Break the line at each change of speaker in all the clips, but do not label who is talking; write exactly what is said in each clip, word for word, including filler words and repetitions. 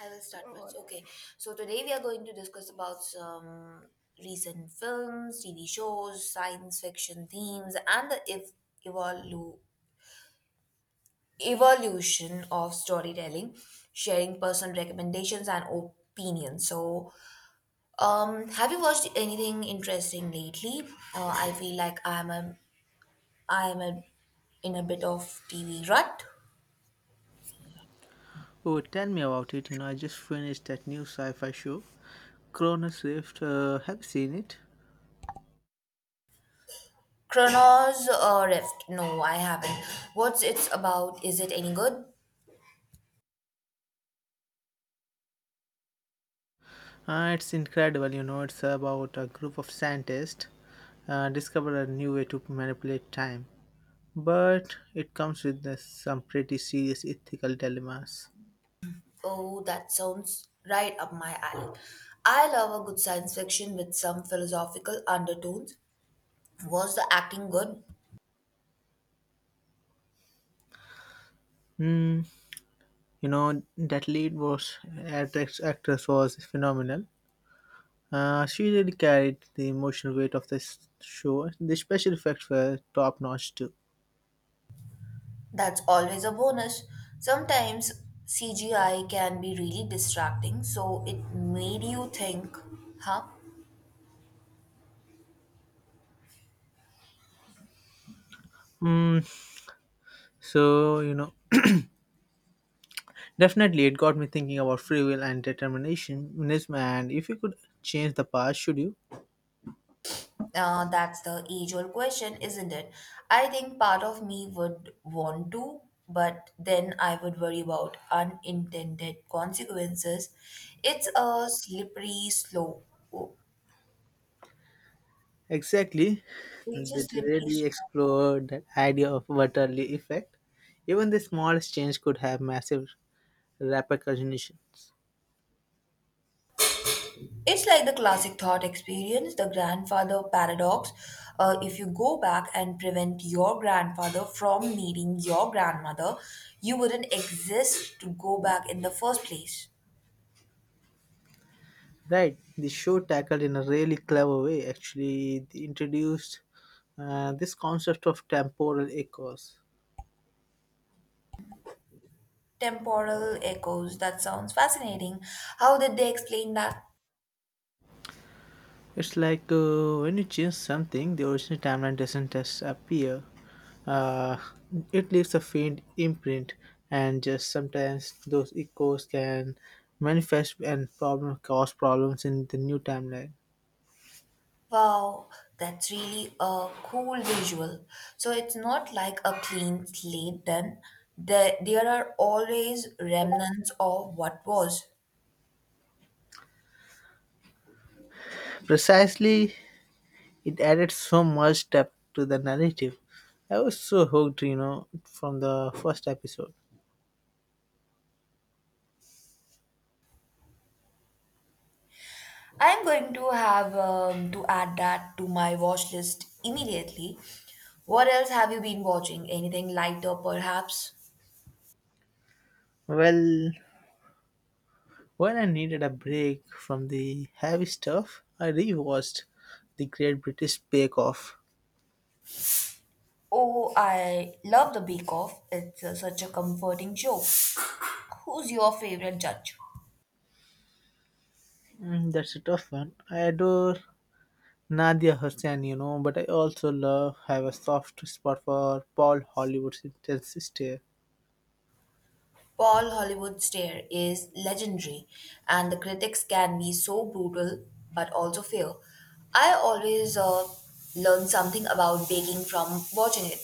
I will start first. Okay. So today we are going to discuss about some recent films, T V shows, science fiction themes, and the ev- evolu- evolution of storytelling, sharing personal recommendations and opinions. So, um, have you watched anything interesting lately? Uh, I feel like I'm a, I'm a, in a bit of T V rut.
Oh, tell me about it. You know, I just finished that new sci-fi show, Chrono Swift. Uh, have you seen it?
Chronos uh, Rift. No, I haven't. What's it's about? Is it any good?
Uh, it's incredible. You know, it's about a group of scientists uh, discover a new way to manipulate time, but it comes with the- some pretty serious ethical dilemmas.
Oh, that sounds right up my alley. I love a good science fiction with some philosophical undertones. Was the acting good?
You know, that lead was actress, actress was phenomenal. Uh, she really carried the emotional weight of this show. The special effects were top notch too.
That's always a bonus. Sometimes C G I can be really distracting, so it made you think, huh?
Hmm, So, you know, definitely it got me thinking about free will and determinism. And if you could change the past, should you?
Uh, that's the age old question, isn't it? I think part of me would want to, but then I would worry about unintended consequences. It's a slippery slope.
Exactly.
It's a
They
slippery
really
slope.
explored that idea of butterly effect. Even the smallest change could have massive repercussions.
It's like the classic thought experience, the grandfather paradox. Uh, if you go back and prevent your grandfather from meeting your grandmother, you wouldn't exist to go back in the first place.
Right. The show tackled in a really clever way. Actually, they introduced uh, this concept of temporal echoes.
Temporal echoes, that sounds fascinating. How did they explain that?
It's like uh, when you change something, the original timeline doesn't just appear. Uh, it leaves a faint imprint, and just sometimes those echoes can manifest and problem cause problems in the new timeline.
Wow, that's really a cool visual. So it's not like a clean slate then. There, there are always remnants of what was.
Precisely, it added so much depth to the narrative. I was so hooked, you know, from the first episode.
I'm going to have um, to add that to my watch list immediately. What else have you been watching? Anything lighter, perhaps?
Well, when I needed a break from the heavy stuff, I rewatched the Great British Bake Off.
Oh, I love The Bake Off. It's uh, such a comforting show. Who's your favorite judge?
Mm, that's a tough one. I adore Nadia Hussain, you know, but I also love have a soft spot for Paul Hollywood's intense stare.
Paul Hollywood Stair is legendary, and the critics can be so brutal but also fair. I always uh, learn something about baking from watching it.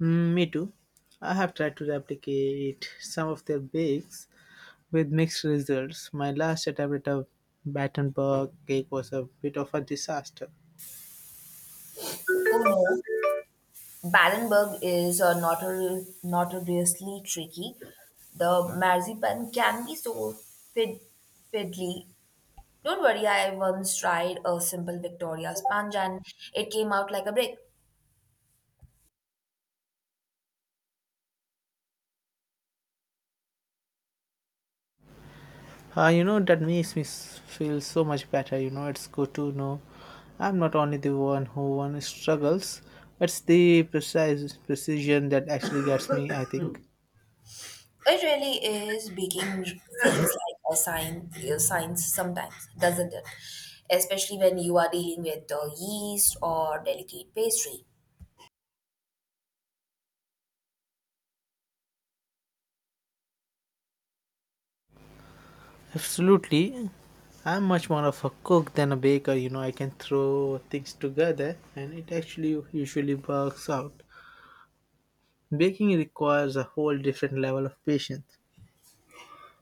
Mm, me too. I have tried to replicate some of their bakes with mixed results. My last attempt at a Battenberg cake was a bit of a disaster.
Oh no, Barenberg is uh, notor- notoriously tricky. The marzipan can be so fid- fiddly. Don't worry, I once tried a simple Victoria sponge and it came out like a brick.
Uh, you know, that makes me s- feel so much better. You know, it's good to know I'm not only the one who one struggles. It's the precise precision that actually gets me, I think.
It really is baking feels like a science, a science sometimes, doesn't it? Especially when you are dealing with uh, yeast or delicate pastry.
Absolutely. I'm much more of a cook than a baker. You know, I can throw things together and it actually usually works out. Baking requires a whole different level of patience.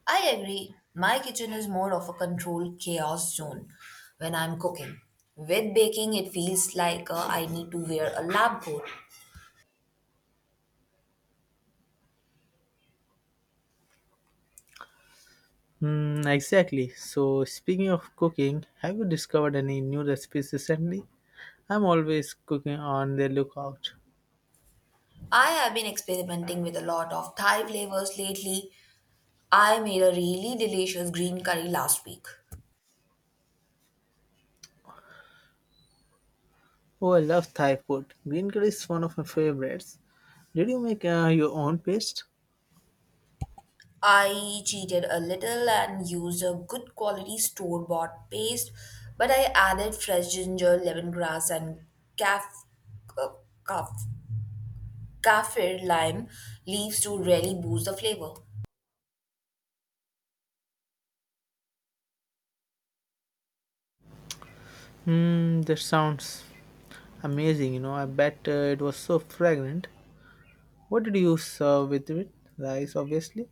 I agree. My kitchen is more of a controlled chaos zone when I'm cooking. With baking, it feels like uh, I need to wear a lab coat.
Hmm, exactly. So, speaking of cooking, have you discovered any new recipes recently? I'm always cooking on the lookout.
I have been experimenting with a lot of Thai flavors lately. I made a really delicious green curry last week.
Oh, I love Thai food. Green curry is one of my favorites. Did you make uh, your own paste?
I cheated a little and used a good quality store bought paste, but I added fresh ginger, lemongrass, and caf- uh, caf- kaffir lime leaves to really boost the flavor.
Hmm, that sounds amazing. You know, I bet uh, it was so fragrant. What did you serve with it? Rice, obviously.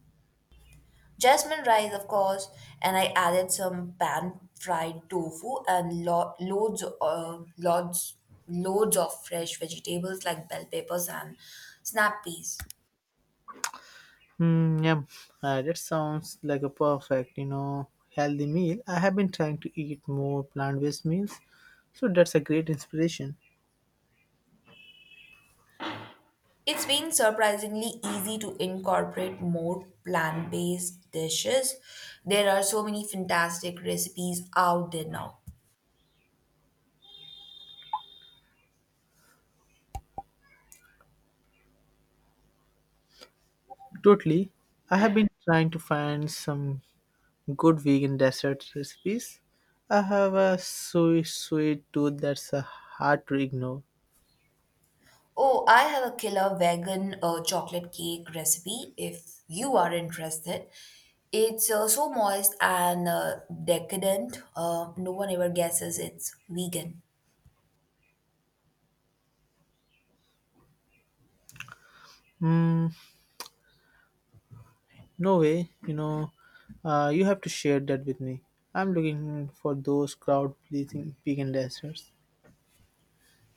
Jasmine rice, of course, and I added some pan fried tofu and lo- loads, uh, loads, loads of fresh vegetables like bell peppers and snap peas.
Hmm, yum. Uh, that sounds like a perfect, you know, healthy meal. I have been trying to eat more plant-based meals, so that's a great inspiration.
It's been surprisingly easy to incorporate more plant based dishes. There are so many fantastic recipes out there now.
Totally. I have been trying to find some good vegan dessert recipes. I have a sweet, sweet tooth that's uh, hard to ignore.
Oh, I have a killer vegan uh, chocolate cake recipe if you are interested. It's uh, so moist and uh, decadent, uh, no one ever guesses it's vegan.
Mm, no way, you know, uh, you have to share that with me. I'm looking for those crowd pleasing vegan desserts.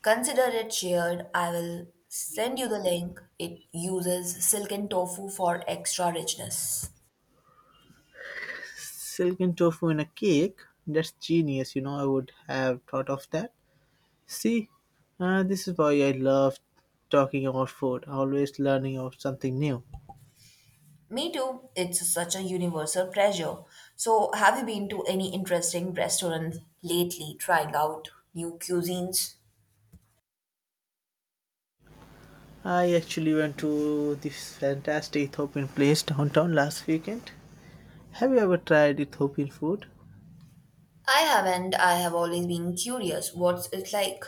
Consider it shared. I will send you the link. It uses silken tofu for extra richness.
Silken tofu in a cake, that's genius, you know, I would have thought of that. See, uh, this is why I love talking about food, always learning of something new.
Me too. It's such a universal pleasure. So, have you been to any interesting restaurants lately trying out new cuisines?
I actually went to this fantastic Ethiopian place downtown last weekend. Have you ever tried Ethiopian food?
I haven't. I have always been curious what's it like.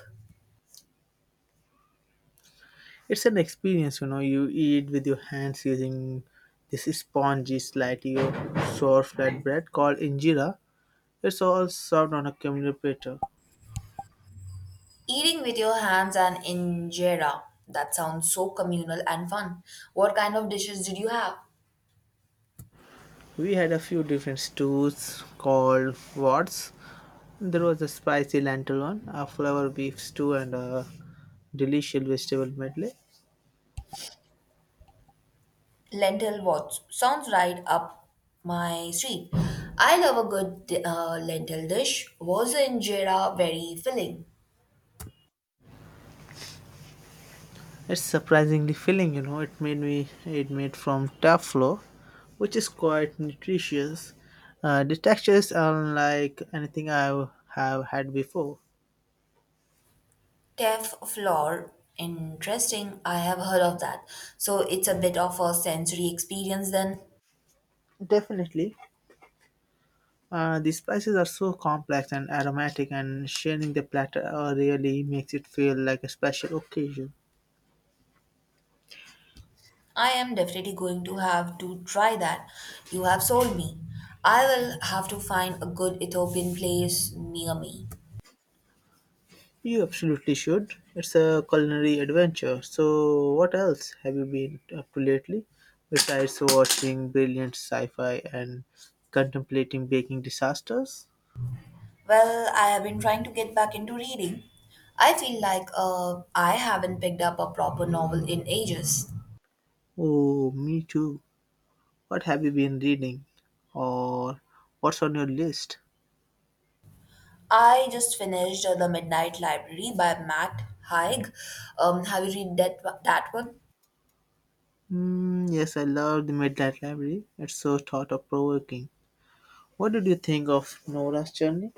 It's an experience, you know, you eat with your hands using this spongy, slightly sour flatbread called injera. It's all served on a communal platter.
Eating with your hands and injera. That sounds so communal and fun. What kind of dishes did you have?
We had a few different stews called wards. There was a spicy lentil one, a flour beef stew, and a delicious vegetable medley.
Lentil what? Sounds right up my street. I love a good uh, lentil dish. Was the injera very filling?
It's surprisingly filling, you know. It made me it made from tough flour, which is quite nutritious. Uh, the texture is unlike anything I have had before.
Cave floor. Interesting. I have heard of that. So it's a bit of a sensory experience then.
Definitely, uh, the spices are so complex and aromatic, and sharing the platter uh, really makes it feel like a special occasion.
I am definitely going to have to try that. You have sold me. I will have to find a good Ethiopian place near me.
You absolutely should. It's a culinary adventure. So, what else have you been up to lately besides watching brilliant sci fi and contemplating baking disasters?
Well, I have been trying to get back into reading. I feel like uh, I haven't picked up a proper novel in ages.
Oh, me too. What have you been reading? Or what's on your list?
I just finished uh, The Midnight Library by Matt Haig. Um, have you read that, that one?
Mm, yes, I love the Midnight Library. It's so thought provoking. What did you think of Nora's journey?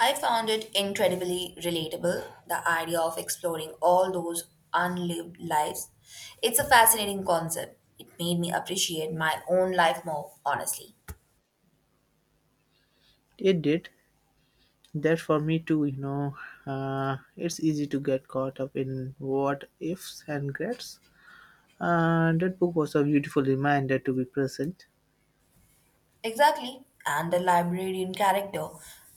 I found it incredibly relatable, the idea of exploring all those unlived lives. It's a fascinating concept. It made me appreciate my own life more, honestly.
It did. That for me too, you know, uh, it's easy to get caught up in what ifs and regrets. Uh, that book was a beautiful reminder to be present.
Exactly. And the librarian character,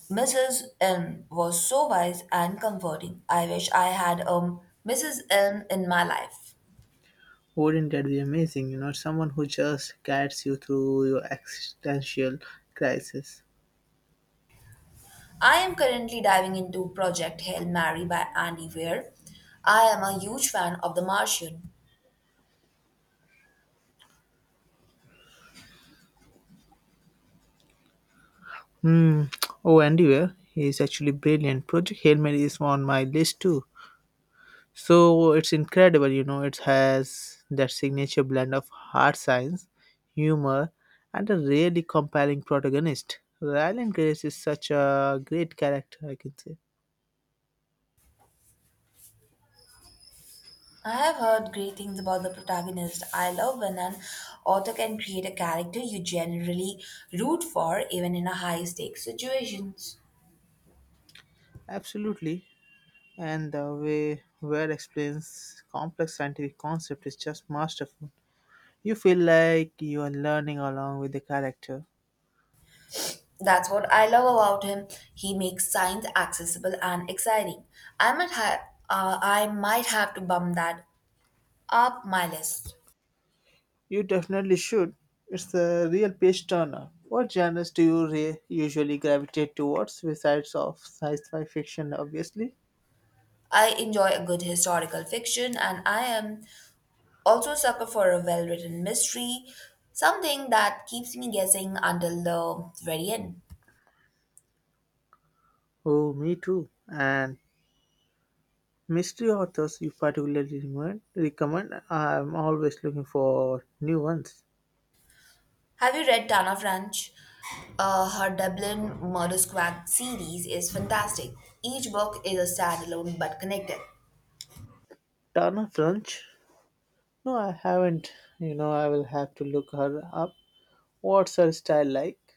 missus Elm, was so wise and comforting. I wish I had a missus Elm in my life.
Wouldn't that be amazing? You know, someone who just guides you through your existential crisis.
I am currently diving into Project Hail Mary by Andy Weir. I am a huge fan of The Martian.
Hmm. Oh, Andy Weir, he is actually brilliant. Project Hail Mary is on my list too. So it's incredible, you know, it has that signature blend of hard science, humor, and a really compelling protagonist. Ryland Grace is such a great character, I can say.
I have heard great things about the protagonist. I love when an author can create a character you generally root for, even in a high stakes situations.
Absolutely. And the way Ware explains complex scientific concept is just masterful. You feel like you are learning along with the character.
That's what I love about him. He makes science accessible and exciting. I might have, uh, I might have to bump that up my list.
You definitely should. It's a real page turner. What genres do you re- usually gravitate towards besides of sci-fi fiction, obviously?
I enjoy a good historical fiction, and I am also a sucker for a well written mystery, something that keeps me guessing until the very end.
Oh, me too. And mystery authors you particularly recommend? Recommend? I'm always looking for new ones.
Have you read Tana French? Uh, her Dublin Murder Squad series is fantastic. Each book is a standalone but connected.
Tana French? No, I haven't. You know, I will have to look her up. What's her style like?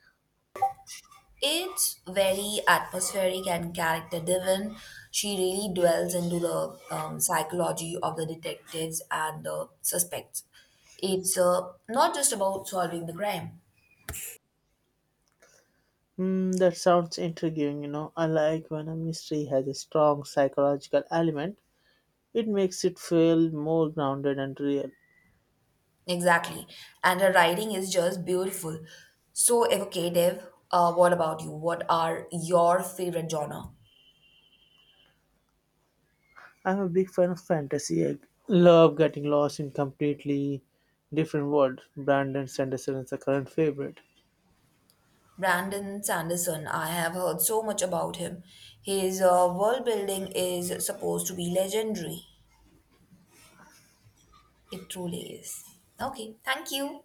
It's very atmospheric and character driven. She really dwells into the um, psychology of the detectives and the suspects. It's uh, not just about solving the crime.
Hmm, that sounds intriguing. You know, I like when a mystery has a strong psychological element. It makes it feel more grounded and real.
Exactly. And her writing is just beautiful. So evocative. Uh, what about you? What are your favorite genre?
I'm a big fan of fantasy. I love getting lost in completely different world. Brandon Sanderson is a current favorite.
Brandon Sanderson, I have heard so much about him. His uh, world building is supposed to be legendary. It truly is. Okay, thank you.